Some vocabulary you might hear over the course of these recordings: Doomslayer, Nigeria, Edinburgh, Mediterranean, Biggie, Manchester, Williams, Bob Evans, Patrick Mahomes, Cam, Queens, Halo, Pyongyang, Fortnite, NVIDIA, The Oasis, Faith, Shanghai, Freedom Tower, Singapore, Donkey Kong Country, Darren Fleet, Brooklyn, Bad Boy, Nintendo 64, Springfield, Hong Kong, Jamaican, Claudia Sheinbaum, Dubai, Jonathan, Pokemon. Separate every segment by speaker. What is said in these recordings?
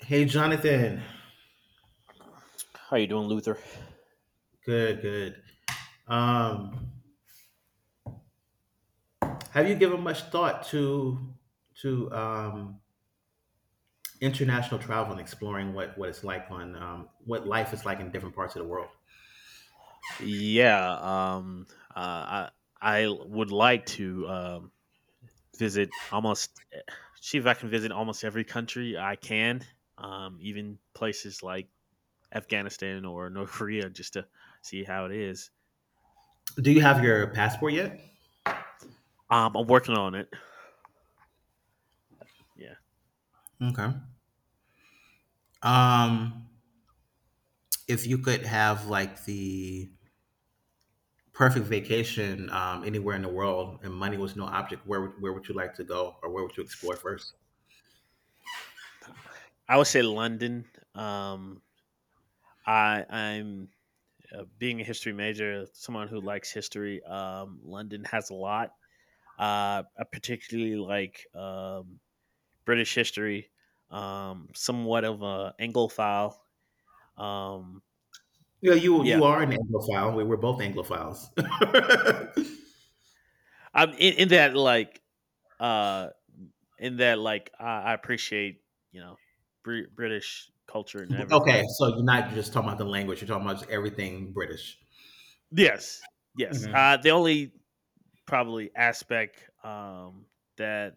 Speaker 1: Hey, Jonathan.
Speaker 2: How you doing, Luther?
Speaker 1: Good, good. Um, have you given much thought to to um, international travel and exploring what it's like on what life is like in different parts of the world?
Speaker 2: Yeah, I would like to visit almost see if I can visit almost every country I can, even places like Afghanistan or North Korea, just to see how it is.
Speaker 1: Do you have your passport yet?
Speaker 2: I'm working on it. Yeah,
Speaker 1: Okay. Um, if you could have like the perfect vacation anywhere in the world and money was no object, where would you like to go or where would you explore first?
Speaker 2: I would say London. Um, I I'm Being a history major, someone who likes history. London has a lot. I particularly like, British history, somewhat of a Anglophile. Um,
Speaker 1: Yeah, you
Speaker 2: yeah,
Speaker 1: you are
Speaker 2: so
Speaker 1: an Anglophile. We're both Anglophiles.
Speaker 2: I'm in that, like, uh, in that like I appreciate you know British culture and
Speaker 1: Okay,
Speaker 2: everything.
Speaker 1: so you're not just talking about the language, you're talking about just everything British.
Speaker 2: Yes, yes.
Speaker 1: Mhm.
Speaker 2: The only probably aspect, that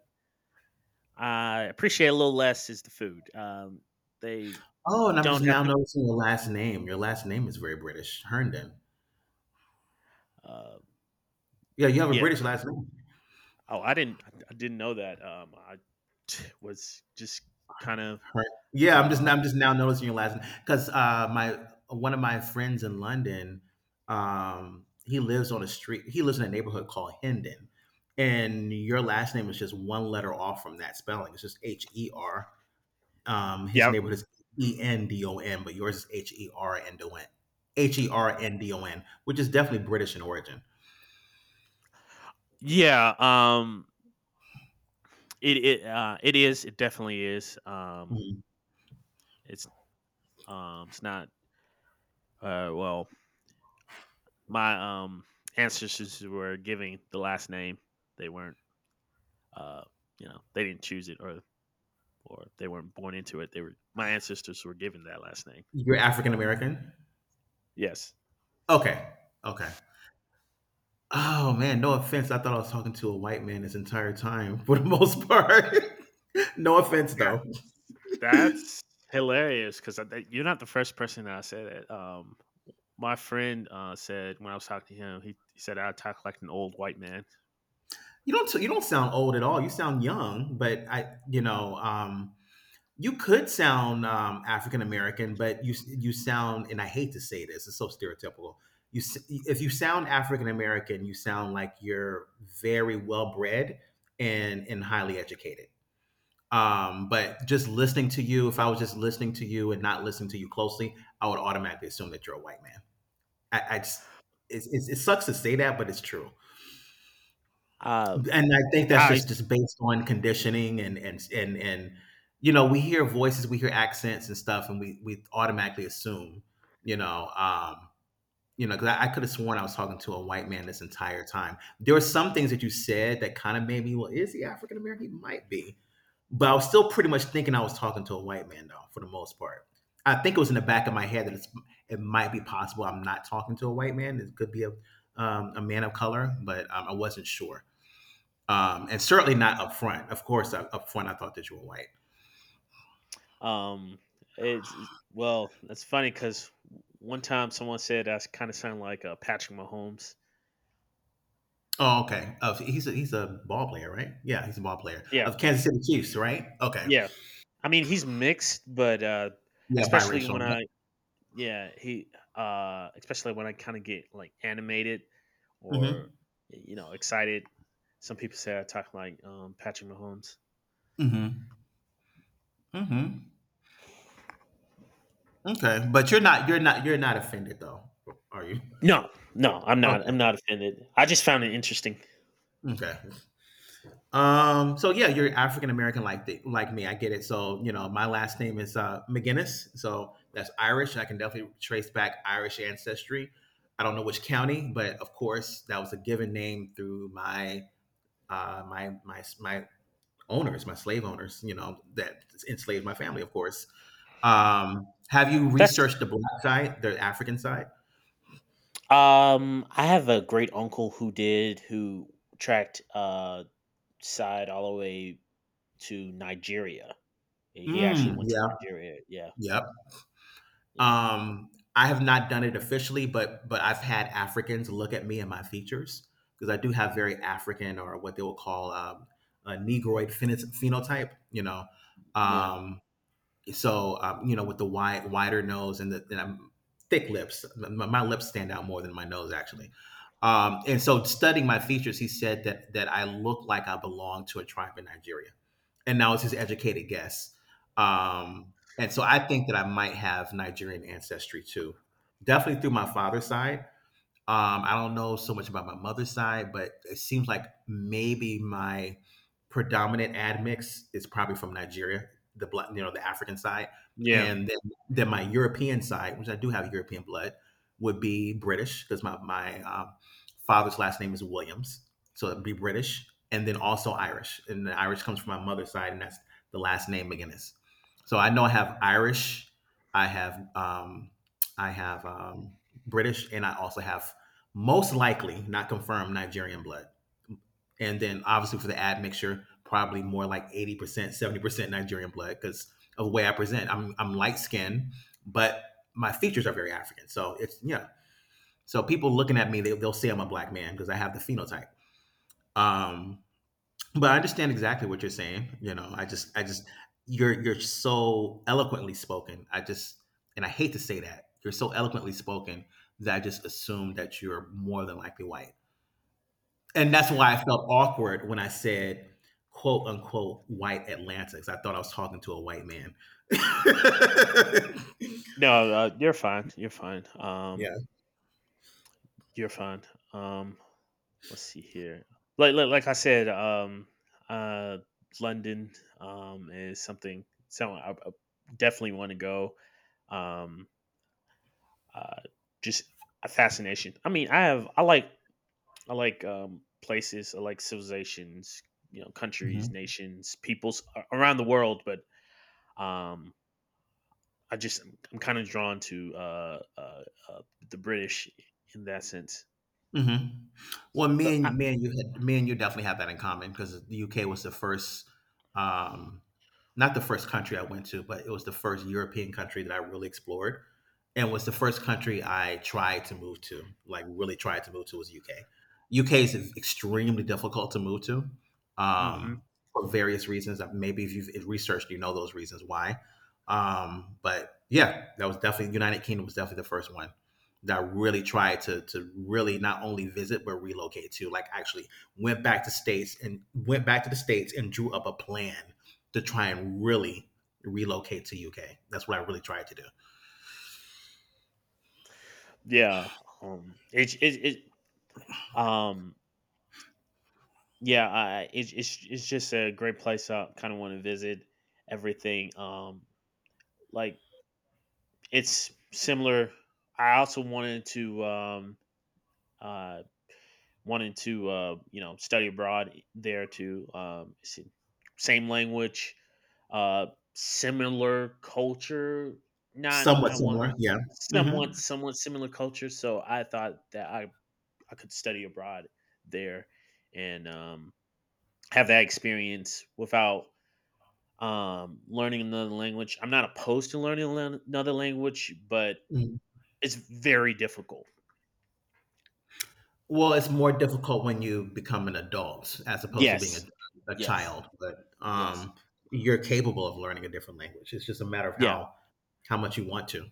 Speaker 2: I appreciate a little less is the food. They
Speaker 1: Oh, and I'm just
Speaker 2: don't have
Speaker 1: now
Speaker 2: to.
Speaker 1: noticing your last name. Your last name is very British, Herndon.
Speaker 2: Uh,
Speaker 1: Yeah, you have a
Speaker 2: yeah.
Speaker 1: British last name.
Speaker 2: Oh, I didn't. I didn't know that. I was just kind of
Speaker 1: Her- yeah, I'm just
Speaker 2: um
Speaker 1: I'm just now noticing your last name because my one of my friends in London, he lives on a street. He lives in a neighborhood called Hendon, and your last name is just one letter off from that spelling. It's just HER. His
Speaker 2: yeah,
Speaker 1: neighborhood is ENDON, but yours is HERNDON, HERNDON, which is definitely British in origin.
Speaker 2: yeah. It is. It definitely is.
Speaker 1: Mhm.
Speaker 2: It's it's not. Well, my ancestors were giving the last name. They weren't. Uh, you know, they didn't choose it, or they weren't born into it. They were. My ancestors were given that last name.
Speaker 1: You're African American.
Speaker 2: Yes.
Speaker 1: Okay. Okay. Oh man, no offense. I thought I was talking to a white man this entire time for the most part. No
Speaker 2: Uh,
Speaker 1: offense though.
Speaker 2: that's hilarious because you're not the first person that I said it. My friend said when I was talking to him, he said I talk like an old white man.
Speaker 1: You don't sound old at all. You sound young, but I, you know, um, you could sound African American, but you sound, and I hate to say this, it's so stereotypical. If you sound African American, you sound like you're very well bred and highly educated. But just listening to you, if I was just listening to you and not listening to you closely, I would automatically assume that you're a white man. I just, it sucks to say that, but it's true.
Speaker 2: Uh,
Speaker 1: And I think that's
Speaker 2: Ah, I
Speaker 1: just
Speaker 2: see.
Speaker 1: just based on conditioning and you know, we hear voices, we hear accents and stuff, and we automatically assume, you know, um, you know, because I could have sworn I was talking to a white man this entire time. There were some things that you said that kind of made me, well, is he African American? He might be, but I was still pretty much thinking I was talking to a white man though, for the most part. I think it was in the back of my head that it's, it might be possible I'm not talking to a white man. It could be a man of color, but I wasn't sure and certainly not up front. Of course, up front, I thought that you were white.
Speaker 2: Um, well, that's funny because one time someone said I kind of sound like, Patrick Mahomes.
Speaker 1: Oh, okay. Of He's a, he's a ball player, right? Yeah, he's a ball player
Speaker 2: Yeah,
Speaker 1: of Kansas City Chiefs, right? Okay.
Speaker 2: yeah. I mean, he's mixed, but
Speaker 1: Yeah,
Speaker 2: especially
Speaker 1: biracial.
Speaker 2: when I yeah he especially when I kind of get, like, animated or,
Speaker 1: Mm-hmm.
Speaker 2: you know, excited. Some people say I talk like, Patrick Mahomes.
Speaker 1: Mm-hmm. Mm-hmm. Okay, but you're not offended though, are you?
Speaker 2: No, no, I'm not.
Speaker 1: Okay.
Speaker 2: I'm not offended. I just found it interesting.
Speaker 1: Okay. So yeah, you're African American like like me. I get it. So, you know, my last name is McGinnis. So that's Irish. I can definitely trace back Irish ancestry. I don't know which county, but of course that was a given name through my my owners, my slave owners, you know, that enslaved my family, of course. Have you
Speaker 2: That's
Speaker 1: researched the black side, the African side?
Speaker 2: I have a great uncle who did, who tracked side all the way to Nigeria. He actually
Speaker 1: Mm,
Speaker 2: went to
Speaker 1: yeah,
Speaker 2: Nigeria. Yeah,
Speaker 1: yep.
Speaker 2: yeah,
Speaker 1: I have not done it officially, but I've had Africans look at me and my features because I do have very African or what they will call a Negroid phenotype. You know,
Speaker 2: yeah.
Speaker 1: um, so you know, with the wider nose and the and thick lips, my lips stand out more than my nose actually.
Speaker 2: Mm.
Speaker 1: And so, studying my features, he said that I look like I belong to a tribe in Nigeria, and now it's his educated guess. And so, I think that I might have Nigerian ancestry too, definitely through my father's side, I don't know so much about my mother's side, but it seems like maybe my predominant admix is probably from Nigeria, the blood, you know, the African side,
Speaker 2: Yeah.
Speaker 1: and then my European side, which I do have European blood, would be British because my father's last name is Williams, so it'd be British, and then also Irish, and the Irish comes from my mother's side, and that's the last name McGinnis. So I know I have Irish, I have um, I have British, and I also have most likely not confirmed Nigerian blood. And then obviously for the admixture, probably more like 80%, 70% Nigerian blood because of the way I present. I'm light skinned, but my features are very African. So it's, yeah. So people looking at me, they'll say I'm a black man because I have the phenotype. Um, but I understand exactly what you're saying. You know, you're so eloquently spoken. I just, and I hate to say that you're so eloquently spoken that I just assume that you're more than likely white, and that's why I felt awkward when I said quote unquote white Atlanta because I thought I was talking to a white man.
Speaker 2: No, you're fine. You're fine.
Speaker 1: Yeah.
Speaker 2: You're fine. Um, let's see here. Like I said, uh, London, is something. So I definitely want to go. Um, uh, just a fascination. I mean, I have. I like, places. I like civilizations. You know,
Speaker 1: Mm-hmm.
Speaker 2: countries, nations, peoples, around the world. But um, I just I'm kind of drawn to, uh, the British in that sense.
Speaker 1: Mhm. Well,
Speaker 2: So
Speaker 1: me
Speaker 2: I,
Speaker 1: and me and you had me and you definitely have that in common because the UK was the first, um, not the first country I went to, but it was the first European country that I really explored, and was the first country I tried to move to. Like really tried to move to was UK. UK is extremely difficult to move to,
Speaker 2: hmm
Speaker 1: um, for various reasons. That maybe if you've researched, you know those reasons why. But yeah, that was definitely United Kingdom was definitely the first one that I really tried to really not only visit but relocate to. Like actually went back to the states and drew up a plan to try and really relocate to UK. That's what I really tried to do.
Speaker 2: Yeah, it, it, it um, yeah, it's just a great place. I kind of want to visit everything. Like, it's similar. I also wanted to, uh, wanting to you know, study abroad there too. Same language, uh, similar culture, not
Speaker 1: Somewhat
Speaker 2: not one
Speaker 1: similar,
Speaker 2: hundred,
Speaker 1: yeah. Mm-hmm.
Speaker 2: somewhat similar culture. So I thought that I could study abroad there and, have that experience without, learning another language. I'm not opposed to learning another language, but
Speaker 1: Mm.
Speaker 2: it's very difficult.
Speaker 1: Well, it's more difficult when you become an adult as opposed to being
Speaker 2: Yes,
Speaker 1: a
Speaker 2: yes,
Speaker 1: child, but
Speaker 2: yes,
Speaker 1: you're capable of learning a different language. It's just a matter of
Speaker 2: yeah.
Speaker 1: how much you want to.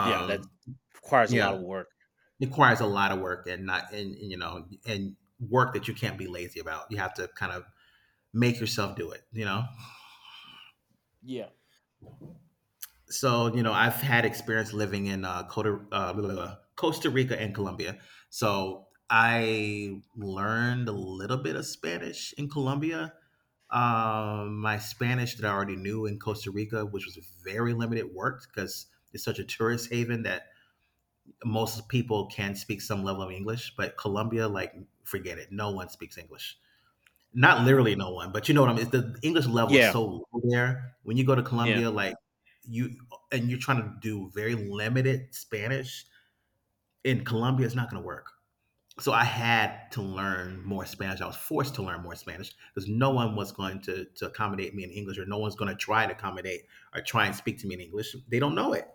Speaker 2: Yeah, that requires a lot
Speaker 1: yeah.
Speaker 2: of work.
Speaker 1: Requires a lot of work and not and you know and work that you can't be lazy about. You have to kind of make yourself do it. You know.
Speaker 2: Yeah.
Speaker 1: So you know I've had experience living in Costa Rica and Colombia. So I learned a little bit of Spanish in Colombia. My Spanish that I already knew in Costa Rica, which was very limited, worked because it's such a tourist haven that most people can speak some level of English, but Colombia, like, forget it. No one speaks English. Not literally no one, but you know what I mean. It's the English level is
Speaker 2: Yeah,
Speaker 1: so low there. When you go to
Speaker 2: yeah,
Speaker 1: Colombia, like you, and you're trying to do very limited Spanish in Colombia, it's not going to work. So I had to learn more Spanish. I was forced to learn more Spanish because no one was going to accommodate me in English, or no one's going to try to accommodate or try and speak to me in English. They don't know it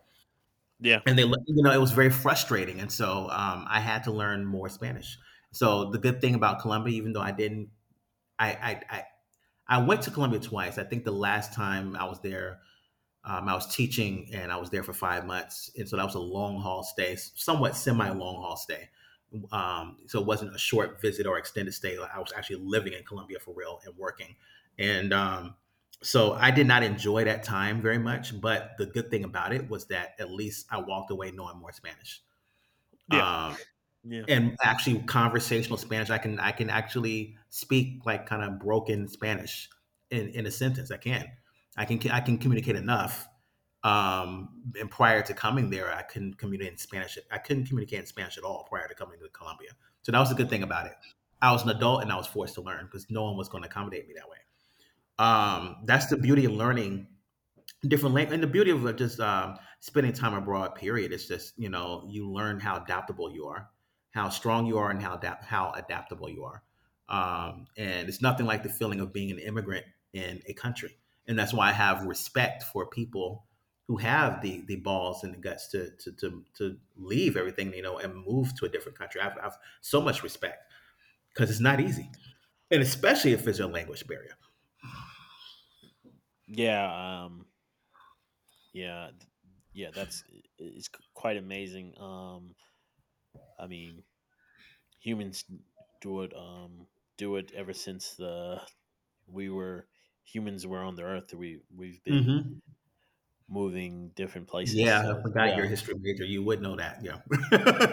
Speaker 2: yeah,
Speaker 1: and they, you know, it was very frustrating, and so I had to learn more Spanish. So the good thing about Colombia, even though I didn't, I, I, I, I went to Colombia twice. I think the last time I was there, I was teaching and I was there for 5 months. And so that was a long haul stay, somewhat semi long haul stay. So it wasn't a short visit or extended stay. I was actually living in Colombia for real and working. And so I did not enjoy that time very much. But the good thing about it was that at least I walked away knowing more Spanish.
Speaker 2: yeah,
Speaker 1: Um,
Speaker 2: yeah.
Speaker 1: and actually conversational Spanish. I can actually speak like kind of broken Spanish in a sentence. I can. I can I
Speaker 2: Hmm.
Speaker 1: can communicate enough and prior to coming there, I couldn't communicate in Spanish. I couldn't communicate in Spanish at all prior to coming to Colombia. So that was a good thing about it. I was an adult and I was forced to learn because no one was going to accommodate me that way.
Speaker 2: No,
Speaker 1: That's the beauty of learning different language, and the beauty of just spending time abroad period is just, you know, you learn how adaptable you are, how strong you are, and how adaptable you are. And it's nothing like the feeling of being an immigrant in a country, and that's why I have respect for people who have the balls and the guts to leave everything, you know, and move to a different country. I've so much respect because it's not easy, and especially if there's a language barrier.
Speaker 2: yeah, yeah, yeah. That's I- it's c- Quite amazing. I mean, humans do it. Ever since the we were humans were on the earth. We've been
Speaker 1: Mhm.
Speaker 2: moving different places.
Speaker 1: Yeah, I
Speaker 2: So
Speaker 1: forgot you're
Speaker 2: yeah,
Speaker 1: a history major. You would know that. Yeah.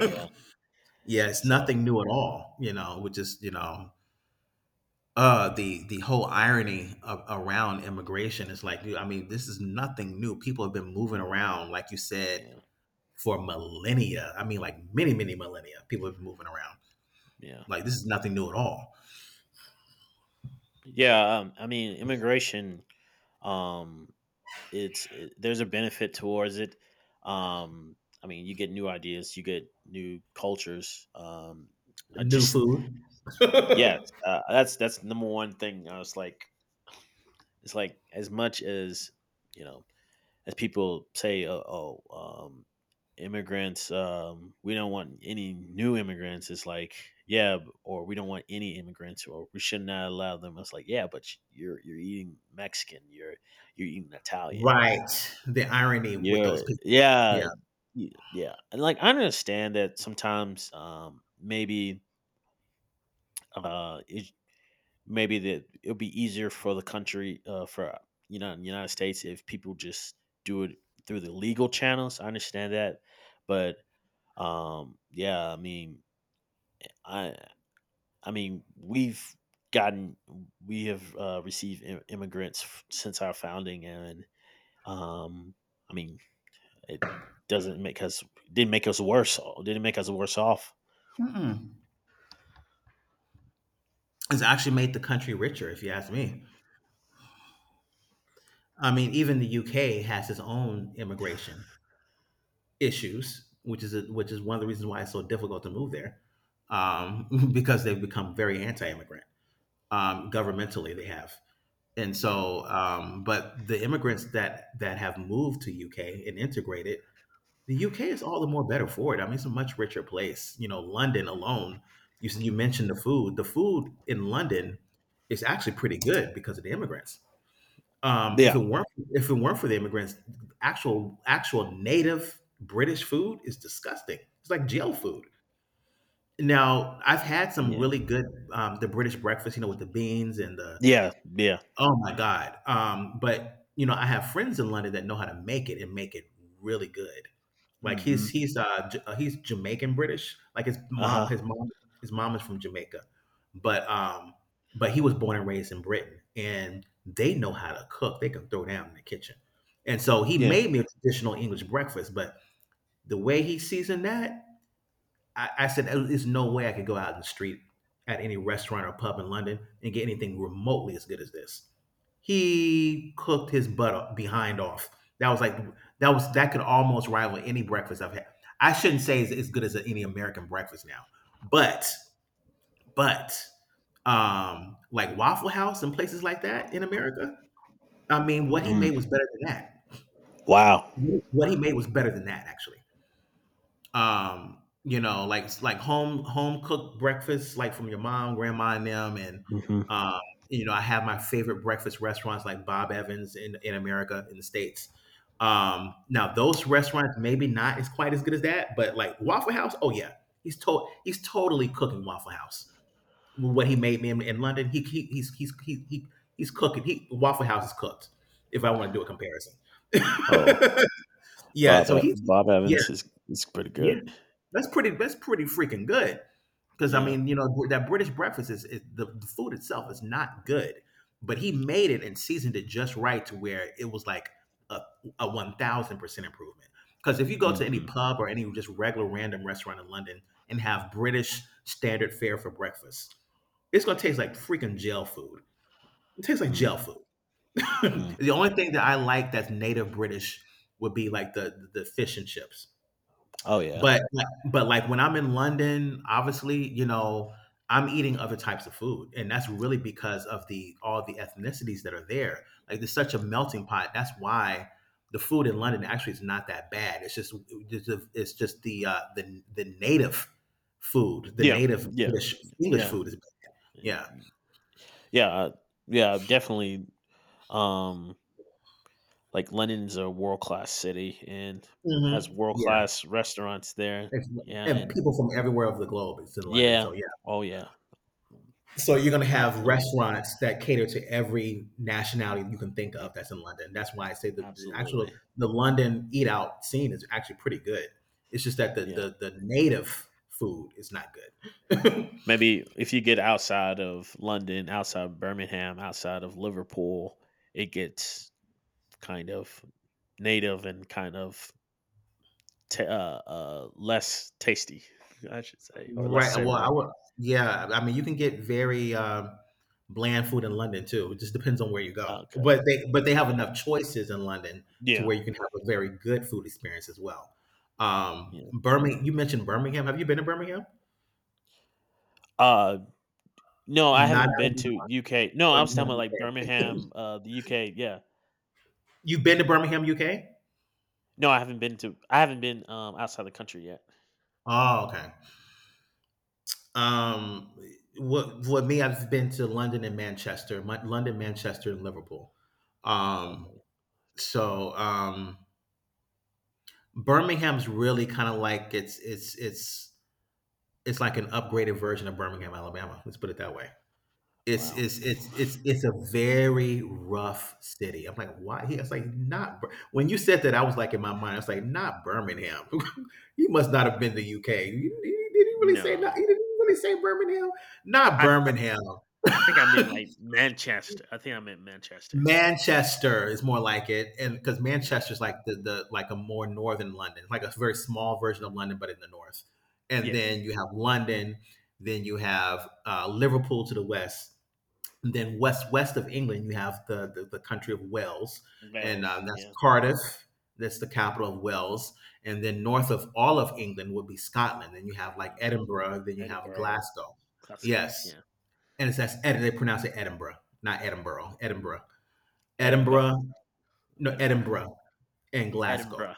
Speaker 2: yeah.
Speaker 1: Yeah, it's
Speaker 2: So
Speaker 1: nothing new at all, you know, which is, you know, the whole irony around immigration is like, dude, I mean, this is nothing new. People have been moving around, like you said,
Speaker 2: yeah,
Speaker 1: for millennia. I mean, like many, many millennia. People have been moving around.
Speaker 2: yeah,
Speaker 1: Like this is nothing new at all.
Speaker 2: yeah. I mean, immigration. Um, there's a benefit towards it. Um, I mean, you get new ideas, you get new cultures. I
Speaker 1: New
Speaker 2: just
Speaker 1: food.
Speaker 2: Yes, that's number one thing. I was like, it's like as much as, you know, as people say, oh, um, immigrants, we don't want any new immigrants. It's like, yeah, or we don't want any immigrants, or we should not allow them. It's like, yeah, but you're eating Mexican, you're eating Italian.
Speaker 1: Right. The irony with
Speaker 2: Yeah,
Speaker 1: those people. Yeah.
Speaker 2: yeah, yeah. And, like, I understand that sometimes, maybe, uh, it, maybe that it'll be easier for the country, for, you know, the United States if people just do it through the legal channels. I understand that, but, yeah, I, I mean, gotten, we have, received immigrants since our founding, and, um, I mean, It doesn't make us didn't make us worse. Didn't make us worse off.
Speaker 1: Mm-mm. It's actually made the country richer if you ask me. I mean, even the UK has its own immigration issues, which is a, which is one of the reasons why it's so difficult to move there. um, because they've become very anti-immigrant. Governmentally, they have, and
Speaker 2: Yeah.
Speaker 1: so, but the immigrants that that have moved to UK and integrated, the UK is all the more better for it. I mean, it's a much richer place. You know, London alone. You mentioned the food. The food in London is actually pretty good because of the immigrants.
Speaker 2: Yeah.
Speaker 1: If it weren't for the immigrants, actual native British food is disgusting. It's like jail food. Now, I've had some
Speaker 2: Yeah.
Speaker 1: really good the British breakfast, you know, with the beans and the—
Speaker 2: Yeah. Yeah.
Speaker 1: oh my god. But you know, I have friends in London that know how to make it and make it really good. Like
Speaker 2: Mm-hmm.
Speaker 1: he's Jamaican British. Like
Speaker 2: Uh huh.
Speaker 1: his mom is from Jamaica, but um but he was born and raised in Britain, and they know how to cook. They can throw down in the kitchen, and so he
Speaker 2: Yeah.
Speaker 1: made me a traditional English breakfast. But the way he seasoned that, I said, "There's no way I could go out in the street at any restaurant or pub in London and get anything remotely as good as this." He cooked his butt o behind off. That was like, that was, that could almost rival any breakfast I've had. I shouldn't say it's as good as any American breakfast now, but but, like Waffle House and places like that in America, I mean, what he made
Speaker 2: Mm.
Speaker 1: was better than that.
Speaker 2: Wow.
Speaker 1: What he made was better than that, actually. Um, you know, like home cooked breakfast, like from your mom, grandma, and them. And
Speaker 2: Mm-hmm.
Speaker 1: uh you know, I have my favorite breakfast restaurants, like Bob Evans in America, in the States. Um, now those restaurants maybe not as quite as good as that, but like Waffle House, oh yeah, he's totally cooking Waffle House. What he made me in London, he he's he he's cooking. He, Waffle House is cooked, if I want to do a comparison.
Speaker 2: Oh,
Speaker 1: Yeah, so he's—
Speaker 2: Bob
Speaker 1: yeah,
Speaker 2: Evans is pretty
Speaker 1: yeah,
Speaker 2: good.
Speaker 1: that's pretty. That's pretty freaking good. Because I
Speaker 2: Yeah.
Speaker 1: mean, you know, that British breakfast is the food itself is not good, but he made it and seasoned it just right to where it was like a a 1000% improvement. Because if you go to any
Speaker 2: Mm-hmm.
Speaker 1: pub or any just regular random restaurant in London and have British standard fare for breakfast, it's gonna taste like freaking jail food. It tastes like jail food.
Speaker 2: Mm-hmm.
Speaker 1: The only thing that I like that's native British would be like the fish and chips.
Speaker 2: Oh yeah.
Speaker 1: But, like, when I'm in London, obviously, you know, I'm eating other types of food, and that's really because of the all the ethnicities that are there. Like, there's such a melting pot. That's why the food in London actually is not that bad. It's just it's just the native food, the
Speaker 2: Yeah.
Speaker 1: native
Speaker 2: Yeah.
Speaker 1: British English
Speaker 2: Yeah.
Speaker 1: food is better. Yeah.
Speaker 2: Yeah. Yeah. Definitely. Um. Like, London's a world class city and has
Speaker 1: Mhm.
Speaker 2: world
Speaker 1: Yeah.
Speaker 2: class restaurants there.
Speaker 1: It's—
Speaker 2: Yeah.
Speaker 1: and
Speaker 2: And
Speaker 1: people from everywhere of the globe is in London,
Speaker 2: yeah.
Speaker 1: so, yeah.
Speaker 2: Oh yeah.
Speaker 1: So you're going to have
Speaker 2: Absolutely.
Speaker 1: restaurants that cater to every nationality you can think of
Speaker 2: It
Speaker 1: that's in London. That's why I say the actual
Speaker 2: absolutely.
Speaker 1: the London eat out scene is actually pretty good. It's just that
Speaker 2: Yeah.
Speaker 1: the native food is not good.
Speaker 2: Maybe if you get outside of London, outside of Birmingham, outside of Liverpool, it gets kind of native and kind of ta less tasty, I should say, or less
Speaker 1: Right. Well, I
Speaker 2: savory.
Speaker 1: would. Yeah. I mean, you can get very bland food in London too. It just depends on where you go.
Speaker 2: Okay.
Speaker 1: But they have
Speaker 2: Yeah.
Speaker 1: enough choices in London to
Speaker 2: Yeah.
Speaker 1: where you can have a very good food experience as well.
Speaker 2: Yeah.
Speaker 1: Birmingham. You mentioned Birmingham. Have you been to Birmingham?
Speaker 2: Uh, no, I
Speaker 1: Not.
Speaker 2: haven't been to UK. No, I was talking
Speaker 1: Birmingham,
Speaker 2: about, like,
Speaker 1: UK.
Speaker 2: Birmingham, the UK. Yeah.
Speaker 1: You've been to Birmingham, UK?
Speaker 2: No, I haven't been to. I haven't been, outside the country yet.
Speaker 1: Oh, okay. Um, what me? I've been to London and Manchester, London, Manchester, and Liverpool. Um,
Speaker 2: Okay.
Speaker 1: so Birmingham's really kind of like it's like an upgraded version of Birmingham, Alabama. Let's put it that way. It's
Speaker 2: Wow.
Speaker 1: a very rough city. I'm like, why? He was like, not Bir-" when you said that, I was like in my mind, I was like, not Birmingham. You must not have been to UK. You, did he really say not?
Speaker 2: No,
Speaker 1: He didn't really say Birmingham. Not
Speaker 2: I th- I
Speaker 1: Birmingham.
Speaker 2: I think I meant, like, Manchester. I think I meant Manchester.
Speaker 1: Manchester is more like it, and because
Speaker 2: Yeah.
Speaker 1: Manchester's like the like a more northern London, like a very small version of London, but in the north. And
Speaker 2: Yeah.
Speaker 1: then you have London, then you have Liverpool to the west. And then west of England, you have the country of Wales, and
Speaker 2: Wales,
Speaker 1: that's
Speaker 2: yeah.
Speaker 1: Cardiff. That's the capital of Wales. And then north of all of England would be Scotland. Then you have like
Speaker 2: Scotland,
Speaker 1: Edinburgh. Then you have
Speaker 2: Edinburgh.
Speaker 1: Glasgow.
Speaker 2: That's Scotland,
Speaker 1: Yes,
Speaker 2: yeah.
Speaker 1: and it's that's Ed, they pronounce it Edinburgh, not Edinburgh. Edinburgh,
Speaker 2: Edinburgh,
Speaker 1: Edinburgh, no
Speaker 2: Edinburgh,
Speaker 1: Edinburgh, and Glasgow.
Speaker 2: Edinburgh.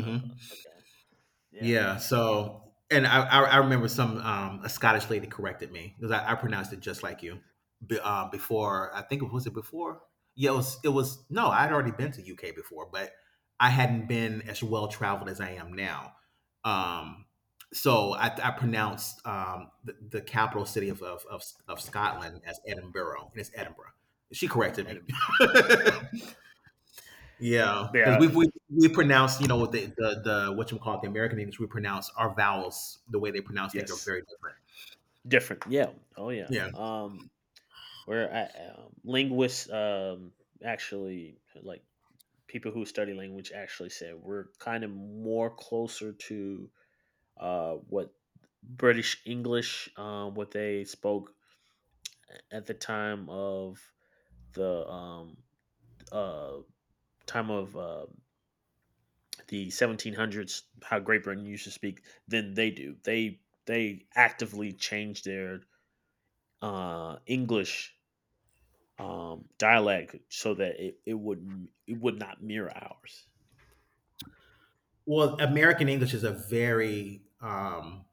Speaker 2: Oh god, okay. Yeah.
Speaker 1: Yeah. So, and I remember some a Scottish lady corrected me because I pronounced it just like you. Before, I think it was it before. Yeah, it was. It was no. I'd already been to UK before, but I hadn't been as well traveled as I am now. Um, so I pronounced the, capital city of Scotland as Edinburgh, and it's Edinburgh. She corrected me.
Speaker 2: Edinburgh.
Speaker 1: Yeah, because
Speaker 2: Yeah,
Speaker 1: we pronounce, you know, with the, what you call it, the American English, we pronounce our vowels the way they pronounce things are
Speaker 2: yes.
Speaker 1: very different.
Speaker 2: Different. Yeah. Oh, yeah.
Speaker 1: Yeah.
Speaker 2: Linguists, actually, like, people who study language actually said we're kind of more closer to, what British English, what they spoke at the time of the uh time of, the 1700s, how Great Britain used to speak than they do. They actively change their English, dialect, so that it would, not mirror ours.
Speaker 1: Well, American English is a very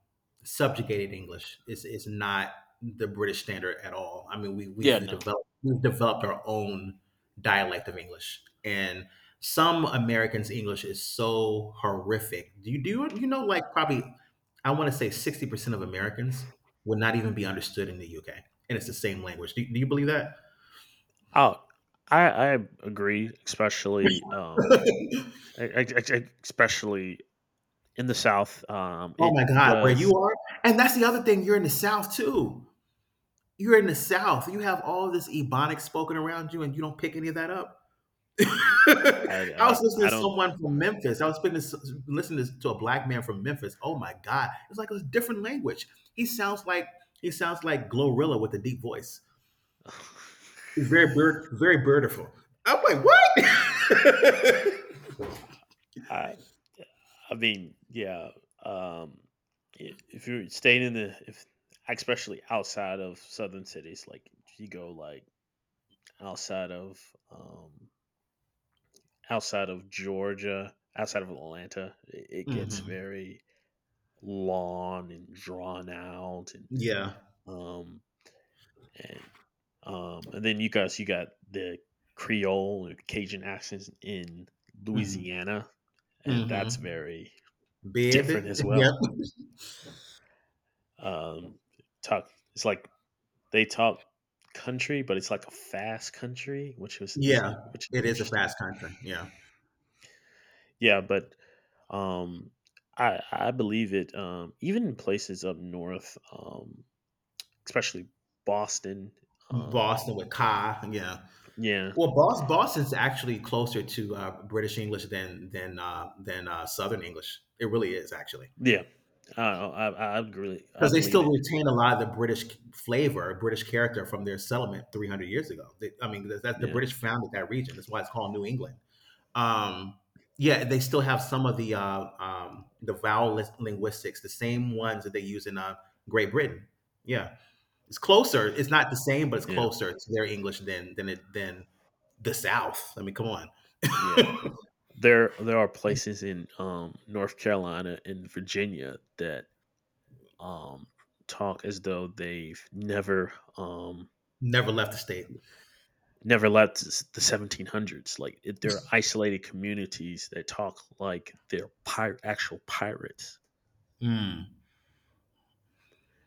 Speaker 1: subjugated English. It's not the British standard at all. I mean,
Speaker 2: Yeah, no.
Speaker 1: we've developed our own dialect of English, and some Americans' English is so horrific. You do, you know, like probably, I want to say, 60% of Americans would not even be understood in the UK, and it's the same language. Do you believe that?
Speaker 2: Oh, i I agree, especially
Speaker 1: Oh
Speaker 2: especially in the South, it
Speaker 1: my god. Where
Speaker 2: does.
Speaker 1: you are— and that's the other thing, you're in the South too. You're in the South. You have all this Ebonics spoken around you, and you don't pick any of that up. I was listening
Speaker 2: I
Speaker 1: to
Speaker 2: don't.
Speaker 1: someone from Memphis. I was spending, listening to a black man from Memphis. Oh my God, it's like a different language. He sounds like he sounds like Glorilla with a deep voice. He's very bird, very birdiful. I'm like, what?
Speaker 2: I I mean, yeah. Um, if you're staying in the, if especially outside of southern cities, like you go like outside of, um, outside of Georgia, outside of Atlanta, it gets
Speaker 1: Hmm.
Speaker 2: very long and drawn out, and,
Speaker 1: Yeah.
Speaker 2: um, and and then, you guys, you got the Creole or Cajun accents in
Speaker 1: Hmm.
Speaker 2: Louisiana, and that's
Speaker 1: Hmm.
Speaker 2: very different
Speaker 1: Baby.
Speaker 2: as
Speaker 1: Yep.
Speaker 2: well. Um, Talk. It's like they talk country, but it's like a fast country,
Speaker 1: Yeah.
Speaker 2: which is
Speaker 1: It is a
Speaker 2: interesting.
Speaker 1: fast country. Yeah.
Speaker 2: Yeah, but, um, I believe it. Even in places up north, especially Boston. Um,
Speaker 1: Boston with Ka. Yeah.
Speaker 2: yeah,
Speaker 1: Well, Boston's actually closer to British English than Southern English. It really is, actually,
Speaker 2: yeah. I really I
Speaker 1: because they
Speaker 2: believe
Speaker 1: still
Speaker 2: it.
Speaker 1: retain a lot of the British flavor, British character from their settlement 300 years ago. They, I mean, that's the
Speaker 2: Yeah,
Speaker 1: British founded that region. That's why it's called New England. Um, yeah, they still have some of the vowel linguistics, the same ones that they use in Great Britain. Yeah. It's closer. It's not the same, but it's
Speaker 2: yeah,
Speaker 1: closer to their English than it than the South. I mean, come on.
Speaker 2: yeah. There are places in, North Carolina and Virginia that, um, talk as though they've never,
Speaker 1: Never left the state.
Speaker 2: left the 1700s. There are isolated communities that talk like they're actual pirates,
Speaker 1: Mm.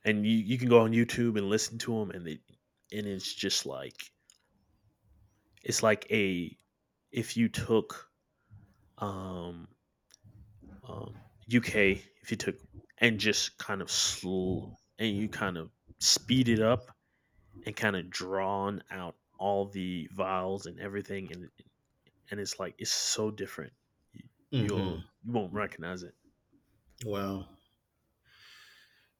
Speaker 2: and you can go on YouTube and listen to them, and they and it's just like, it's like a if you took, um, um, UK, if you took and just kind of slow and you kind of speed it up and kind of drawn out all the vowels and everything, and it's like, it's so different. You,
Speaker 1: Mm-hmm.
Speaker 2: you won't recognize it.
Speaker 1: Well,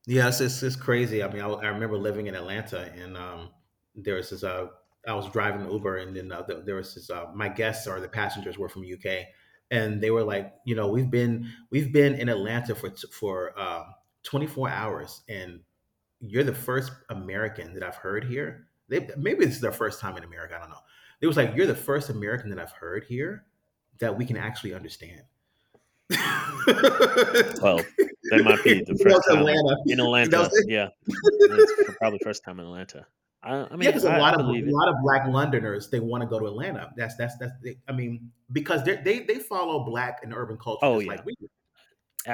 Speaker 1: yeah, it's crazy. I mean, I remember living in Atlanta, and there was this. I was driving Uber, and then was this. My guests or the passengers were from UK, and they were like, you know, we've been in Atlanta for for 24 hours, and you're the first American that I've heard here. They, maybe this is their first time in America. I don't know. It was like, "You're the first American that I've heard here that we can actually understand."
Speaker 2: Well,
Speaker 1: That
Speaker 2: that might be the first
Speaker 1: was
Speaker 2: time in
Speaker 1: Atlanta. That
Speaker 2: Atlanta.
Speaker 1: was,
Speaker 2: Yeah, that's for probably first time in Atlanta. I
Speaker 1: yeah,
Speaker 2: mean,
Speaker 1: because a
Speaker 2: I
Speaker 1: lot of a
Speaker 2: believe it.
Speaker 1: lot of black Londoners. They want to go to Atlanta. That's that's. I mean, because they follow black and urban culture
Speaker 2: Oh
Speaker 1: just
Speaker 2: yeah,
Speaker 1: like we do.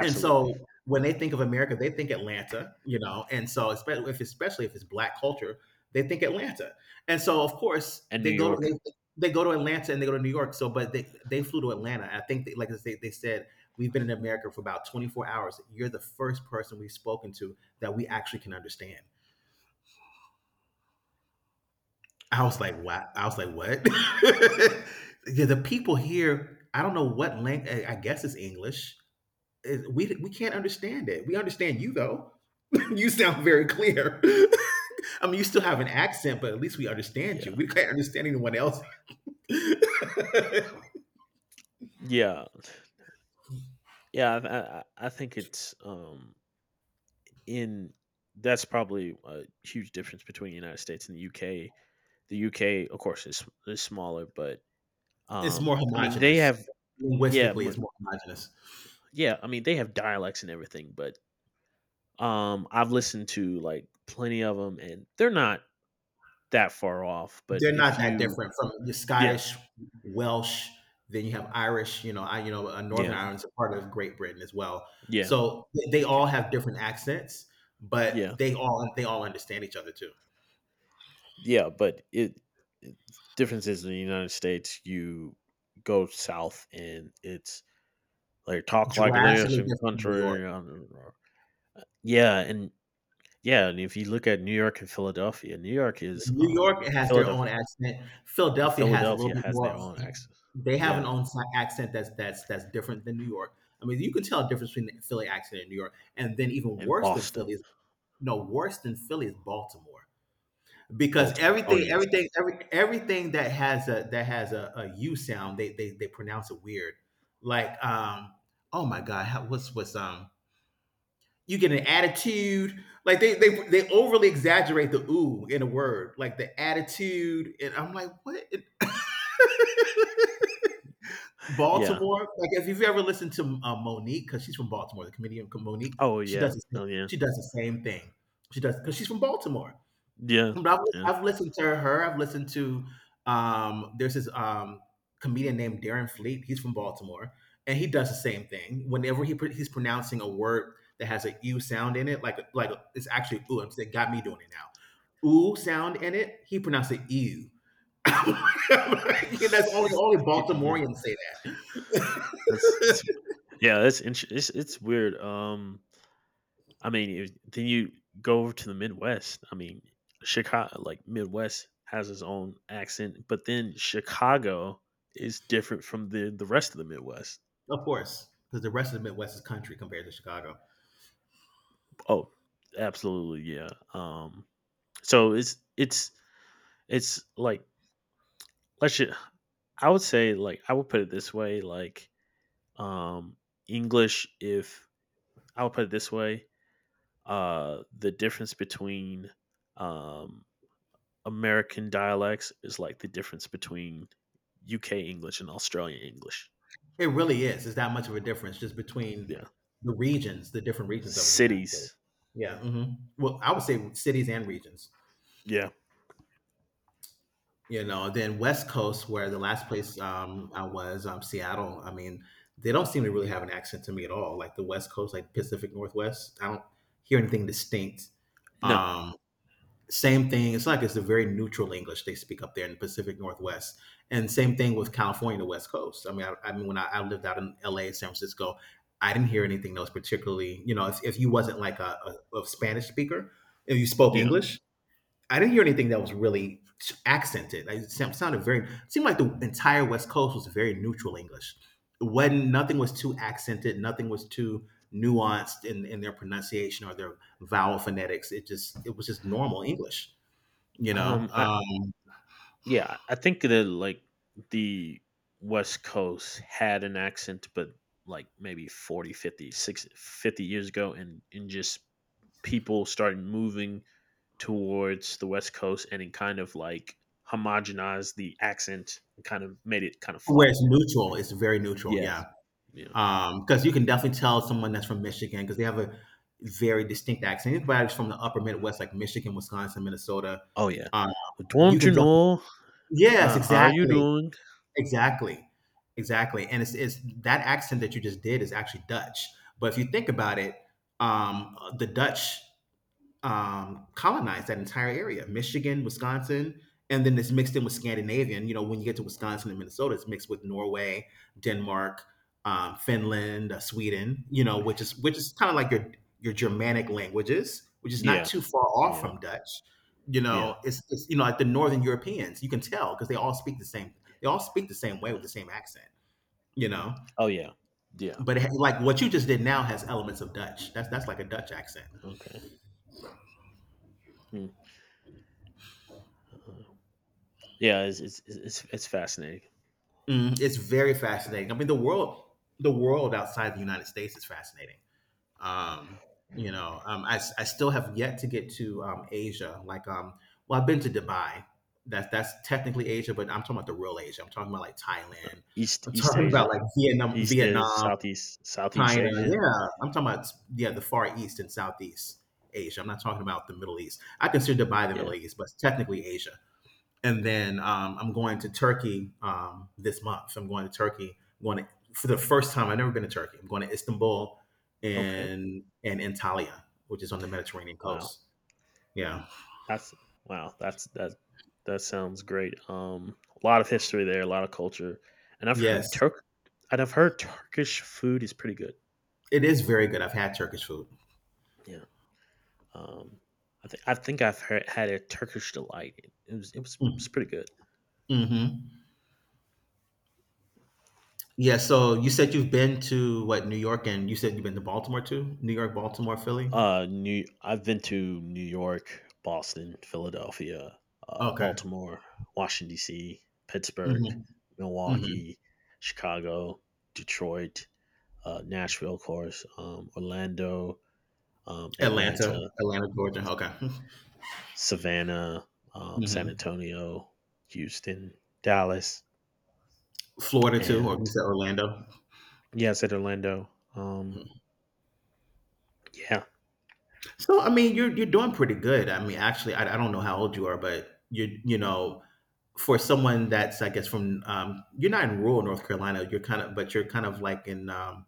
Speaker 1: And so when they think of America, they think Atlanta, you know, and so especially if it's black culture, they think Atlanta. And so of course
Speaker 2: And New York.
Speaker 1: they go to Atlanta and they go to New York. So but they flew to Atlanta. I think they said, "We've been in America for about 24 hours. You're the first person we've spoken to that we actually can understand." I was like, "Wow." I was like, "What?" Yeah, the people here, I don't know what language. I guess it's English. We can't understand it. We understand you though. You sound very clear. I mean, you still have an accent, but at least we understand you.
Speaker 2: Yeah,
Speaker 1: We can't understand anyone else.
Speaker 2: yeah, yeah. I think, it's in that's probably a huge difference between the United States and the UK. The UK, of course, is smaller, but,
Speaker 1: It's more
Speaker 2: I mean, they
Speaker 1: homogenous.
Speaker 2: have. Yeah,
Speaker 1: Linguistically, it's more homogenous.
Speaker 2: yeah. I mean, they have dialects and everything, but, I've listened to like plenty of them, and they're not that far off. But
Speaker 1: They're
Speaker 2: if
Speaker 1: not that
Speaker 2: you.
Speaker 1: different from the Scottish,
Speaker 2: Yes,
Speaker 1: Welsh. Then you have Irish. Northern
Speaker 2: yeah,
Speaker 1: Ireland's a part of Great Britain as well.
Speaker 2: yeah,
Speaker 1: So they
Speaker 2: you can,
Speaker 1: all have different accents, but
Speaker 2: yeah,
Speaker 1: they all understand each other too.
Speaker 2: yeah. But it difference is, in the United States, you go south and it's like talk like this
Speaker 1: Drastically
Speaker 2: and
Speaker 1: different from New York.
Speaker 2: country, yeah. And yeah, and if you look at New York and Philadelphia, New York is
Speaker 1: New York has their
Speaker 2: Philadelphia.
Speaker 1: own accent. Philadelphia has a little
Speaker 2: Philadelphia
Speaker 1: bit
Speaker 2: has their
Speaker 1: more.
Speaker 2: own accent,
Speaker 1: They have an
Speaker 2: yeah.
Speaker 1: accent that's different than New York. I mean, you can tell a difference between the Philly accent and New York, and then even
Speaker 2: And
Speaker 1: worse than
Speaker 2: Boston,
Speaker 1: Philly is no worse than Philly is Baltimore because
Speaker 2: Baltimore, oh yes,
Speaker 1: everything that has a a U sound, they pronounce it weird. Like, oh my God, how, what's you get an attitude. Like they overly exaggerate the ooh in a word, like the attitude. And I'm like, what? In
Speaker 2: yeah.
Speaker 1: Baltimore. Like if you've ever listened to Monique, because she's from Baltimore, the comedian Monique,
Speaker 2: Oh, yeah. Oh, yeah.
Speaker 1: she does the same thing. She does because she's from Baltimore.
Speaker 2: Yeah.
Speaker 1: But I've,
Speaker 2: Yeah.
Speaker 1: I've listened to her. I've listened to there's this comedian named Darren Fleet. He's from Baltimore, and he does the same thing. Whenever he's pronouncing a word that has a u sound in it, like it's actually ooh. It got me doing it now. Ooh sound in it. He pronounced it ew. that's only only
Speaker 2: Yeah.
Speaker 1: Baltimoreans say that,
Speaker 2: That's it's Yeah, that's int it's weird, I mean, if then you go over to the Midwest. I mean, Chicago — like, Midwest has its own accent, but then Chicago is different from the rest of the Midwest.
Speaker 1: of course, because the rest of the Midwest is country compared to Chicago.
Speaker 2: Oh, absolutely, yeah, so it's like let's ju I would say, like, I would put it this way, like, um, English if I'll put it this way: the difference between, um, American dialects is like the difference between UK English and Australian English.
Speaker 1: It really is. It's that much of a difference just between
Speaker 2: Yeah,
Speaker 1: the regions, the different regions of the United States.
Speaker 2: cities.
Speaker 1: Yeah. Well, I would say cities and regions.
Speaker 2: Yeah.
Speaker 1: You know, then West Coast, where the last place I was, Seattle. I mean, they don't seem to really have an accent to me at all. Like the West Coast, like Pacific Northwest. I don't hear anything distinct.
Speaker 2: No.
Speaker 1: Um, same thing, it's like it's a very neutral English they speak up there in the Pacific Northwest, and same thing with California, the West Coast. I mean when I lived out in LA, San Francisco, I didn't hear anything that was particularly, you know, if you wasn't like a Spanish speaker, if you spoke
Speaker 2: Yeah.
Speaker 1: English, I didn't hear anything that was really accented. It sounded very, seemed like the entire West Coast was very neutral English, when nothing was too accented, nothing was too nuanced in their pronunciation or their vowel phonetics. It just, it was just normal English, you know.
Speaker 2: I Yeah. I think that, like, the West Coast had an accent, but like maybe 40, 50, 60, 50 years ago, and just people started moving towards the West Coast and it kind of like homogenized the accent and kind of made it kind of
Speaker 1: Where
Speaker 2: flat.
Speaker 1: it's neutral. It's very neutral,
Speaker 2: Yeah.
Speaker 1: yeah.
Speaker 2: Yeah.
Speaker 1: Because you can definitely tell someone that's from Michigan because they have a very distinct accent. Anybody's from the upper Midwest, like Michigan, Wisconsin, Minnesota,
Speaker 2: Oh yeah.
Speaker 1: um, you
Speaker 2: Don't
Speaker 1: can
Speaker 2: you
Speaker 1: definitely.
Speaker 2: know?
Speaker 1: Yes,
Speaker 2: How are you
Speaker 1: exactly,
Speaker 2: doing?
Speaker 1: exactly, exactly. And it's that accent that you just did is actually Dutch. But if you think about it, the Dutch colonized that entire area, Michigan, Wisconsin, and then it's mixed in with Scandinavian. You know, when you get to Wisconsin and Minnesota, it's mixed with Norway, Denmark, Finland, Sweden. You know, which is kind of like your Germanic languages, which is not
Speaker 2: Yeah.
Speaker 1: too far off
Speaker 2: Yeah.
Speaker 1: from Dutch. You
Speaker 2: Yeah.
Speaker 1: know, it's you know, like the Northern Europeans. You can tell because they all speak the same. They all speak the same way with
Speaker 2: Yeah.
Speaker 1: the same accent. You know,
Speaker 2: Oh yeah. Yeah.
Speaker 1: but like what you just did now has elements of Dutch. That's like a Dutch accent.
Speaker 2: Okay. Hmm. Uh, yeah. It's fascinating.
Speaker 1: Mm, it's very fascinating. I mean, the world outside the United States is fascinating. Um, I still have yet to get to Asia. Like, well, I've been to Dubai. That's technically Asia, but I'm talking about the real Asia. I'm talking about like Thailand.
Speaker 2: East
Speaker 1: I'm
Speaker 2: East
Speaker 1: talking about
Speaker 2: Asia.
Speaker 1: like Vietnam,
Speaker 2: East is
Speaker 1: Vietnam,
Speaker 2: Southeast Southeast
Speaker 1: China.
Speaker 2: Asia.
Speaker 1: Yeah, I'm talking about, yeah, the Far East and Southeast Asia. I'm not talking about the Middle East. I consider Dubai the Middle
Speaker 2: Yeah.
Speaker 1: East, but it's technically Asia. And then I'm going to Turkey this month. I'm going to Turkey. For the first time. I've never been to Turkey. I'm going to Istanbul
Speaker 2: Okay.
Speaker 1: and Antalya, which is on the Mediterranean
Speaker 2: Wow.
Speaker 1: coast. Yeah.
Speaker 2: That's wow. That's that. That sounds great. A lot of history there, a lot of culture, and
Speaker 1: Yes,
Speaker 2: And I've heard Turkish food is pretty good.
Speaker 1: it is very good. I've had Turkish food.
Speaker 2: Yeah. Um, I think I've had a Turkish delight. It's
Speaker 1: Mm-hmm.
Speaker 2: pretty good.
Speaker 1: Mm-hmm. Yeah. So you said you've been to what, New York, and you said you've been to Baltimore too. New York, Baltimore, Philly.
Speaker 2: New I've been to New York, Boston, Philadelphia,
Speaker 1: Okay.
Speaker 2: Baltimore, Washington D.C., Pittsburgh,
Speaker 1: Mm-hmm. Mm-hmm.
Speaker 2: Milwaukee, Chicago, Detroit, Nashville, of course, Orlando,
Speaker 1: Atlanta,
Speaker 2: Atlanta,
Speaker 1: Atlanta, Georgia. Okay.
Speaker 2: Savannah, San
Speaker 1: Mm-hmm.
Speaker 2: Antonio, Houston, Dallas,
Speaker 1: Florida too, or
Speaker 2: and
Speaker 1: you said Orlando.
Speaker 2: yeah, I said Orlando. Um, yeah,
Speaker 1: So I mean, you're doing pretty good. I mean, actually, I don't know how old you are, but you know, for someone that's, I guess, from you're not in rural North Carolina. You're kind of, but you're kind of like in.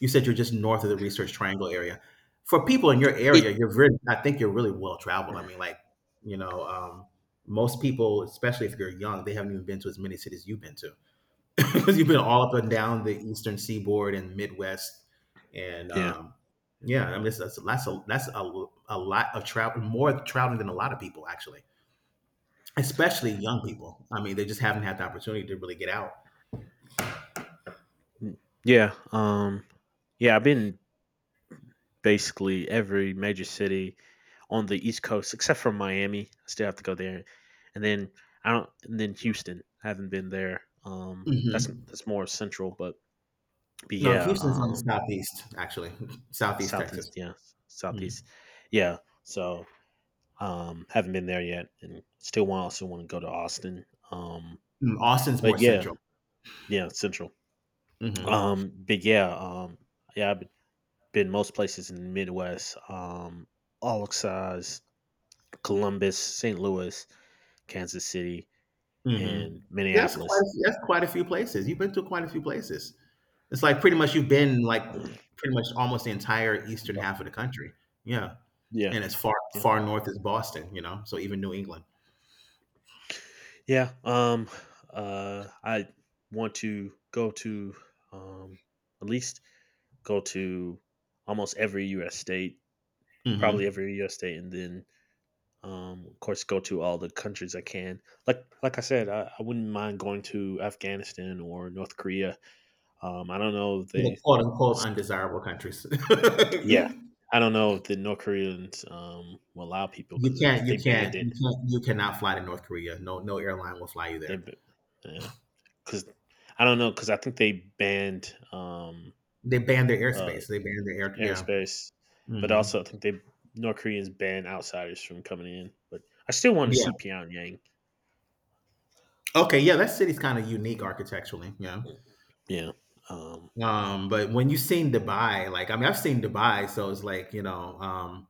Speaker 1: You said you're just north of the Research Triangle area. For people in your
Speaker 2: it.
Speaker 1: area, you're very. I think you're really well traveled. I mean, like, you know, most people, especially if you're young, they haven't even been to as many cities you've been to. because you've been all up and down the Eastern Seaboard and Midwest, and
Speaker 2: Yeah,
Speaker 1: yeah, I mean that's a lot of travel, more traveling than a lot of people actually, especially young people. I mean, they just haven't had the opportunity to really get out.
Speaker 2: Mm. yeah, Yeah, I've been basically every major city on the East Coast except for Miami. I still have to go there, and then Houston. I haven't been there. That's
Speaker 1: hmm
Speaker 2: more central, but
Speaker 1: No,
Speaker 2: yeah,
Speaker 1: Houston's on the southeast actually, southeast Texas.
Speaker 2: southeast. Yeah,
Speaker 1: Mm.
Speaker 2: southeast. Yeah. So haven't been there yet, and still want also want to go to Austin. Um,
Speaker 1: Mm, Austin's more
Speaker 2: but yeah,
Speaker 1: central.
Speaker 2: yeah, Central.
Speaker 1: hmm
Speaker 2: Um, but yeah, um, yeah, I've been most places in the Midwest. All size, Columbus, St. Louis, Kansas City,
Speaker 1: hmm
Speaker 2: and Minneapolis.
Speaker 1: That's quite a few places. You've been to quite a few places. It's like pretty much you've been like pretty much almost the entire eastern half of
Speaker 2: Buffalo.
Speaker 1: the country. Yeah.
Speaker 2: Yeah,
Speaker 1: And as far,
Speaker 2: yeah,
Speaker 1: far north as Boston, you know, so even New England.
Speaker 2: yeah. I want to go to um at least go to almost every U.S. state, probably
Speaker 1: Mhm.
Speaker 2: every U.S. state, and then of course, go to all the countries I can. Like I said, I wouldn't mind going to Afghanistan or North Korea. I don't know if
Speaker 1: The
Speaker 2: they,
Speaker 1: quote unquote undesirable countries.
Speaker 2: yeah, I don't know if the North Koreans will allow people
Speaker 1: You
Speaker 2: because
Speaker 1: can't you
Speaker 2: they banned
Speaker 1: can't you
Speaker 2: it.
Speaker 1: can't you cannot fly to North Korea. No, no airline will fly you
Speaker 2: They,
Speaker 1: there.
Speaker 2: b- yeah, because I don't know because I think they banned
Speaker 1: They banned their
Speaker 2: uh,
Speaker 1: airspace. They banned their air, yeah.
Speaker 2: airspace, but
Speaker 1: Mhm.
Speaker 2: also I think they North Koreans ban outsiders from coming in. But I still want to
Speaker 1: Yeah.
Speaker 2: see Pyongyang.
Speaker 1: Okay, yeah, that city's kind of unique architecturally, yeah.
Speaker 2: Yeah. Um,
Speaker 1: But when you've seen Dubai, like I mean I've seen Dubai, so it's like, you know,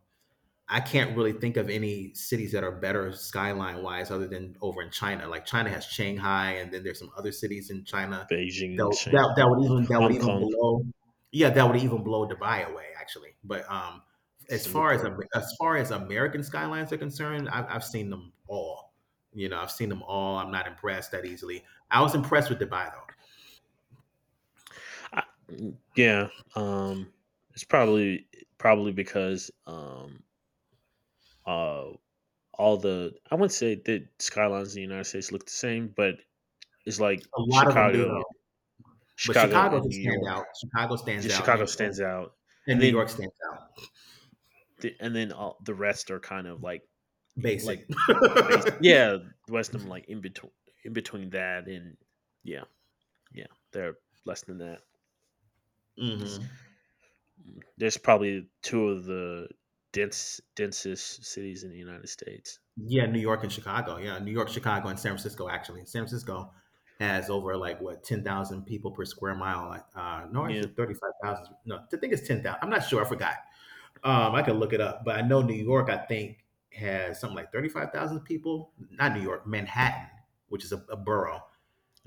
Speaker 1: I can't really think of any cities that are better skyline wise other than over in China. Like China has Shanghai, and then there's some other cities in China
Speaker 2: Beijing,
Speaker 1: that that, that
Speaker 2: Yeah,
Speaker 1: would even, that would
Speaker 2: Hong
Speaker 1: even
Speaker 2: Kong.
Speaker 1: blow. Yeah, that would even blow Dubai away actually. But as far as
Speaker 2: Singapore.
Speaker 1: As far as American skylines are concerned, I've seen them all. You know, I've seen them all. I'm not impressed that easily. I was impressed with Dubai though.
Speaker 2: I, yeah, um, it's probably because uh, all the I wouldn't say that skylines in the United States look the same, but it's like
Speaker 1: A lot of them do
Speaker 2: Chicago,
Speaker 1: though. But
Speaker 2: Chicago
Speaker 1: Chicago's
Speaker 2: and New
Speaker 1: a
Speaker 2: York.
Speaker 1: standout. Chicago stands
Speaker 2: Just
Speaker 1: out,
Speaker 2: Chicago stands out,
Speaker 1: and
Speaker 2: and
Speaker 1: New York stands out.
Speaker 2: then the rest are kind of like
Speaker 1: Basic.
Speaker 2: base. Yeah, the rest of them in between that and yeah, yeah, they're less than that.
Speaker 1: hmm
Speaker 2: There's probably two of the densest cities in the United States.
Speaker 1: Yeah, New York and Chicago. Yeah, New York, Chicago, and San Francisco. Actually, San Francisco has over like what, 10,000 people per square mile. Like, no, is
Speaker 2: Yeah.
Speaker 1: it 35,000? No, I think it's 10,000. I'm not sure. I forgot. I could look it up, but I know New York. I think has something like 35,000 people. Not New York, Manhattan, which is a borough,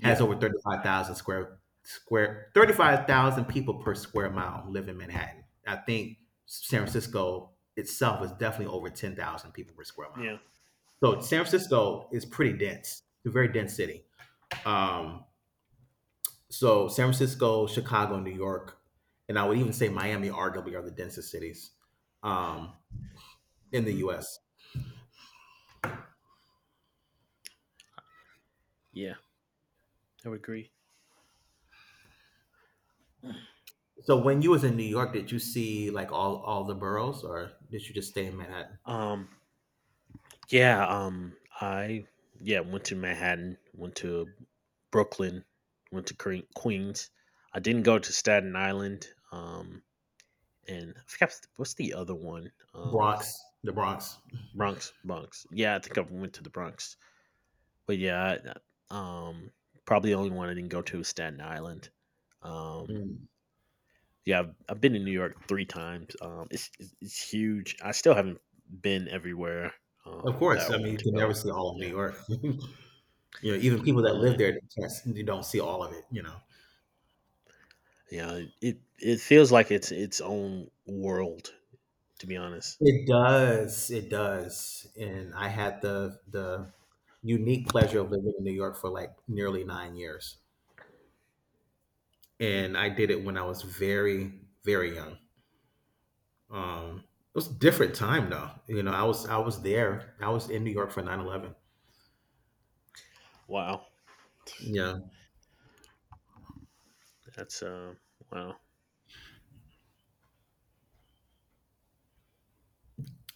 Speaker 1: has over 35,000 square 35,000 people per square mile live in Manhattan. I think San Francisco itself is definitely over 10,000 people per square mile.
Speaker 2: Yeah.
Speaker 1: So San Francisco is pretty dense. It's a very dense city. Um, so San Francisco, Chicago, New York, and I would even say Miami arguably are the densest cities, um, in the
Speaker 2: Mm-hmm.
Speaker 1: U.S.
Speaker 2: Yeah. I would agree.
Speaker 1: So when you was in New York, did you see like all the boroughs, or did you just stay in Manhattan,
Speaker 2: Um. Yeah. I yeah, went to Manhattan. Went to Brooklyn. Went to Queens. I didn't go to Staten Island. And I forgot what's the other one.
Speaker 1: Bronx, the Bronx?
Speaker 2: Bronx. Bronx. Yeah. I think I went to the Bronx. But yeah, I- um, probably the only one I didn't go to is Staten Island. Um,
Speaker 1: Mm.
Speaker 2: yeah, I've been in New York 3 times. Um, it's huge. I still haven't been everywhere
Speaker 1: Of
Speaker 2: that
Speaker 1: course,
Speaker 2: I
Speaker 1: I mean
Speaker 2: wanted
Speaker 1: you
Speaker 2: to
Speaker 1: can never
Speaker 2: go.
Speaker 1: see all of New
Speaker 2: Yeah,
Speaker 1: York. Even people
Speaker 2: I
Speaker 1: that live
Speaker 2: mean,
Speaker 1: there can't, you don't see all of it.
Speaker 2: yeah, it feels like it's its own world. To be honest,
Speaker 1: It does. It does. And I had the unique pleasure of living in New York for like nearly 9 years. And I did it when I was very, very young. It was a different time though. You know, I was there. I was in New York for 9/11.
Speaker 2: wow,
Speaker 1: Yeah.
Speaker 2: that's wow.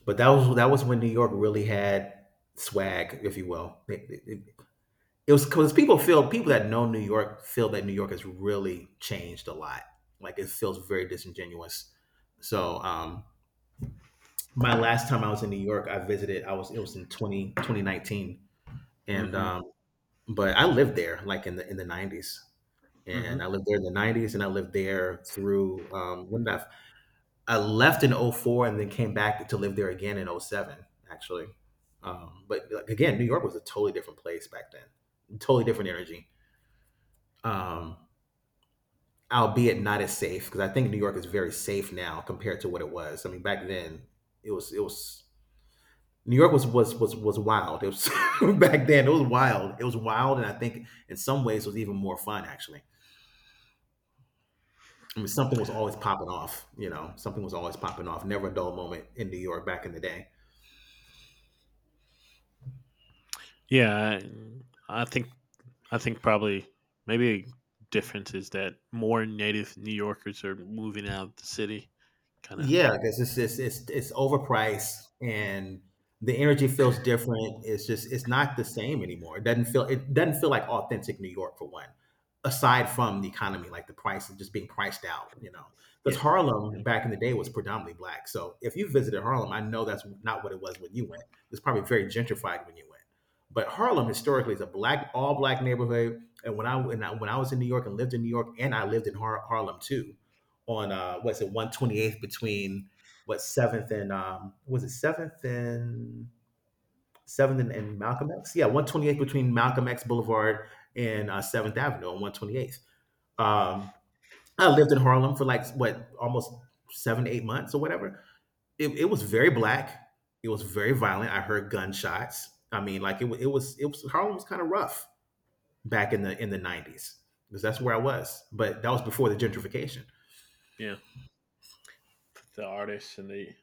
Speaker 1: But that was when New York really had swag, if you will. It was because people that know New York feel that New York has really changed a lot. Like it feels very disingenuous. So my last time I was in New York, I visited. I was it was in 2019, and
Speaker 2: Mm-hmm.
Speaker 1: but I lived there like in the nineties, and I
Speaker 2: Mm-hmm.
Speaker 1: lived there in the nineties, and I lived there through when did I left in oh four, and then came back to live there again in oh seven, actually. But like, again, New York was a totally different place back then, totally different energy. Um, albeit not as safe because I think New York is very safe now compared to what it was. I mean, back then it was New York was wild. It was back then. It was wild. It was wild, and I think in some ways it was even more fun actually. I mean, something was always popping off. Something was always popping off. Never a dull moment in New York back in the day.
Speaker 2: Yeah, I I think I think probably maybe a difference is that more native New Yorkers are moving out of the city. Kind of,
Speaker 1: Yeah, because is it's, just it's overpriced and the energy feels different. It's just it's not the same anymore. It doesn't feel like authentic New York for one. Aside from the economy, like the price of just being priced out. Because
Speaker 2: yeah,
Speaker 1: Harlem
Speaker 2: yeah,
Speaker 1: back in the day was predominantly black. So if you visited Harlem, I know that's not what it was when you went. It's probably very gentrified when you went. But Harlem historically is a black, all black neighborhood. And when I was in New York and lived in New York, and I lived in Harlem too, on what's it 128th between what seventh and, was it seventh and seventh and Malcolm X? Yeah, 128th between Malcolm X Boulevard and Seventh Avenue on 128th. Um I lived in Harlem for like what almost 7 to 8 months or whatever. It was very black. It was very violent. I heard gunshots. I mean, like it, wa- it was Harlem was kind of rough back in the 90s because that's where I was. But that was before the gentrification.
Speaker 2: yeah. The artists and they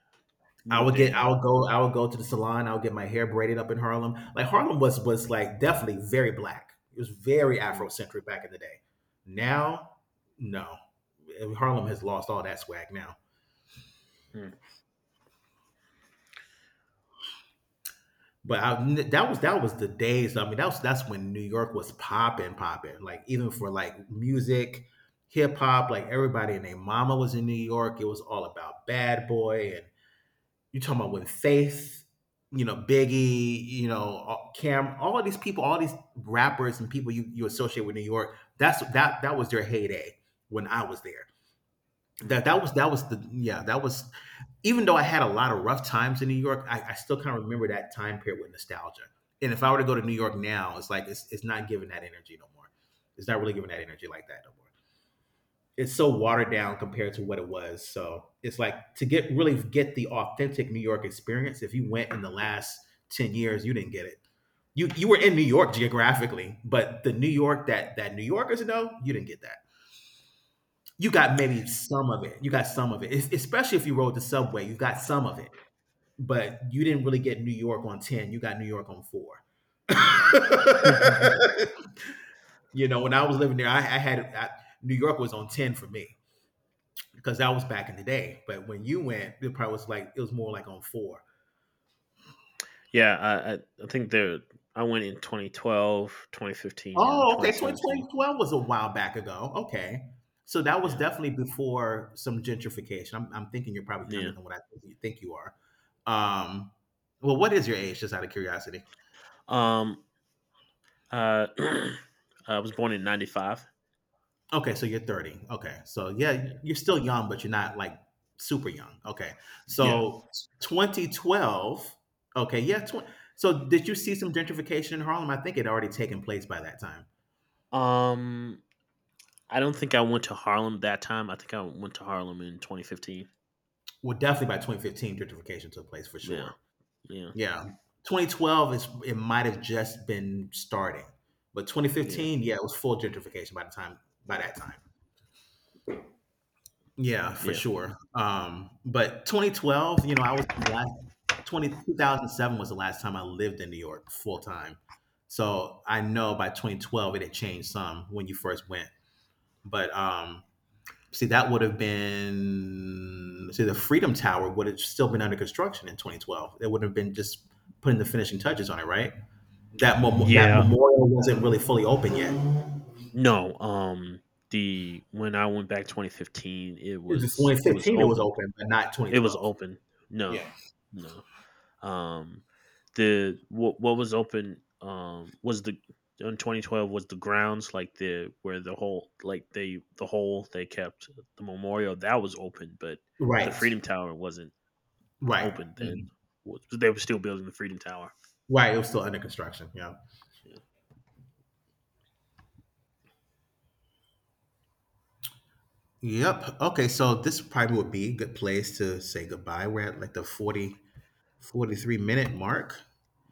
Speaker 2: moved in.
Speaker 1: I would go to the salon. I would get my hair braided up in Harlem. Like Harlem was like definitely very black. It was very
Speaker 2: Mm,
Speaker 1: Afrocentric back in the day. Now, no, Harlem has lost all that swag now.
Speaker 2: mm,
Speaker 1: But I, that was the days. I mean, that's when New York was popping, popping. Like even for like music, hip hop, like everybody and their mama was in New York. It was all about Bad Boy and you talking about when Faith, Biggie, Cam, all of these people, all these rappers and people you associate with New York, that was their heyday when I was there.
Speaker 2: mm.
Speaker 1: That that was the yeah, that was even though I had a lot of rough times in New York, I still kind of remember that time period with nostalgia. And if I were to go to New York now, it's like it's not giving that energy no more. It's not really giving that energy like that no more. It's so watered down compared to what it was. So it's like to get really get the authentic New York experience. If you went in the last 10 years, you didn't get it. You were in New York geographically, but the New York that New Yorkers know, you didn't get that. You got maybe some of it. You got some of it, especially if you rode the subway. You got some of it, but you didn't really get New York on ten. You got New York on four. When I was living there, New York was on ten for me. Because that was back in the day. But when you went, it probably was like it was more like on four.
Speaker 2: yeah, I think there. I went in 2012, 2015,
Speaker 1: Oh, okay. 2012 was a while back ago. Okay. So that was
Speaker 2: and
Speaker 1: definitely before some gentrification. I'm thinking you're
Speaker 2: 2017.
Speaker 1: probably younger
Speaker 2: Yeah, yeah.
Speaker 1: than what I think you are. Um, well, what is your age, just out of curiosity?
Speaker 2: Um, uh, I was born in '95.
Speaker 1: Okay, so you're 30. Okay. So yeah,
Speaker 2: Yeah.
Speaker 1: you're still young, but you're not like super young. Okay.
Speaker 2: Yeah.
Speaker 1: So 2012. Okay. Yeah. So did you see some gentrification in Harlem? I think it had already taken place by that time.
Speaker 2: Um, I don't think I went to Harlem that time. I think I went to Harlem in 2015.
Speaker 1: Well, definitely by 2015, gentrification took place for
Speaker 2: Yeah.
Speaker 1: sure.
Speaker 2: Yeah.
Speaker 1: Yeah, 2012 is it might have just been starting, but
Speaker 2: Yeah.
Speaker 1: 2015, yeah, it was full gentrification by
Speaker 2: Yeah.
Speaker 1: that time. Yeah, for
Speaker 2: Yeah.
Speaker 1: sure. But 2012, I was the last 20 2007 was the last time I lived in New York full time. So I know by 2012 it had changed some when you first went. But see the Freedom Tower would have still been under construction in 2012. It would have been just putting the finishing touches on it, right? That mem- that
Speaker 2: Yeah.
Speaker 1: memorial wasn't really fully open yet.
Speaker 2: No. The when I went back 2015,
Speaker 1: It was
Speaker 2: it was
Speaker 1: 2015 it was
Speaker 2: open.
Speaker 1: open, but not
Speaker 2: It was
Speaker 1: 2012.
Speaker 2: open. No.
Speaker 1: Yeah.
Speaker 2: No. Um. The what was open. Was the in 2012 was the grounds like the where the whole like they the whole they kept the memorial that was open, but the
Speaker 1: Right.
Speaker 2: Freedom Tower wasn't
Speaker 1: Right.
Speaker 2: open then.
Speaker 1: Mhm.
Speaker 2: They were still building the Freedom Tower.
Speaker 1: Right. It was still under construction. Yeah.
Speaker 2: Yeah.
Speaker 1: Yep. Okay. So this probably would be a good place to say goodbye. We're at like the 40 43 minute mark.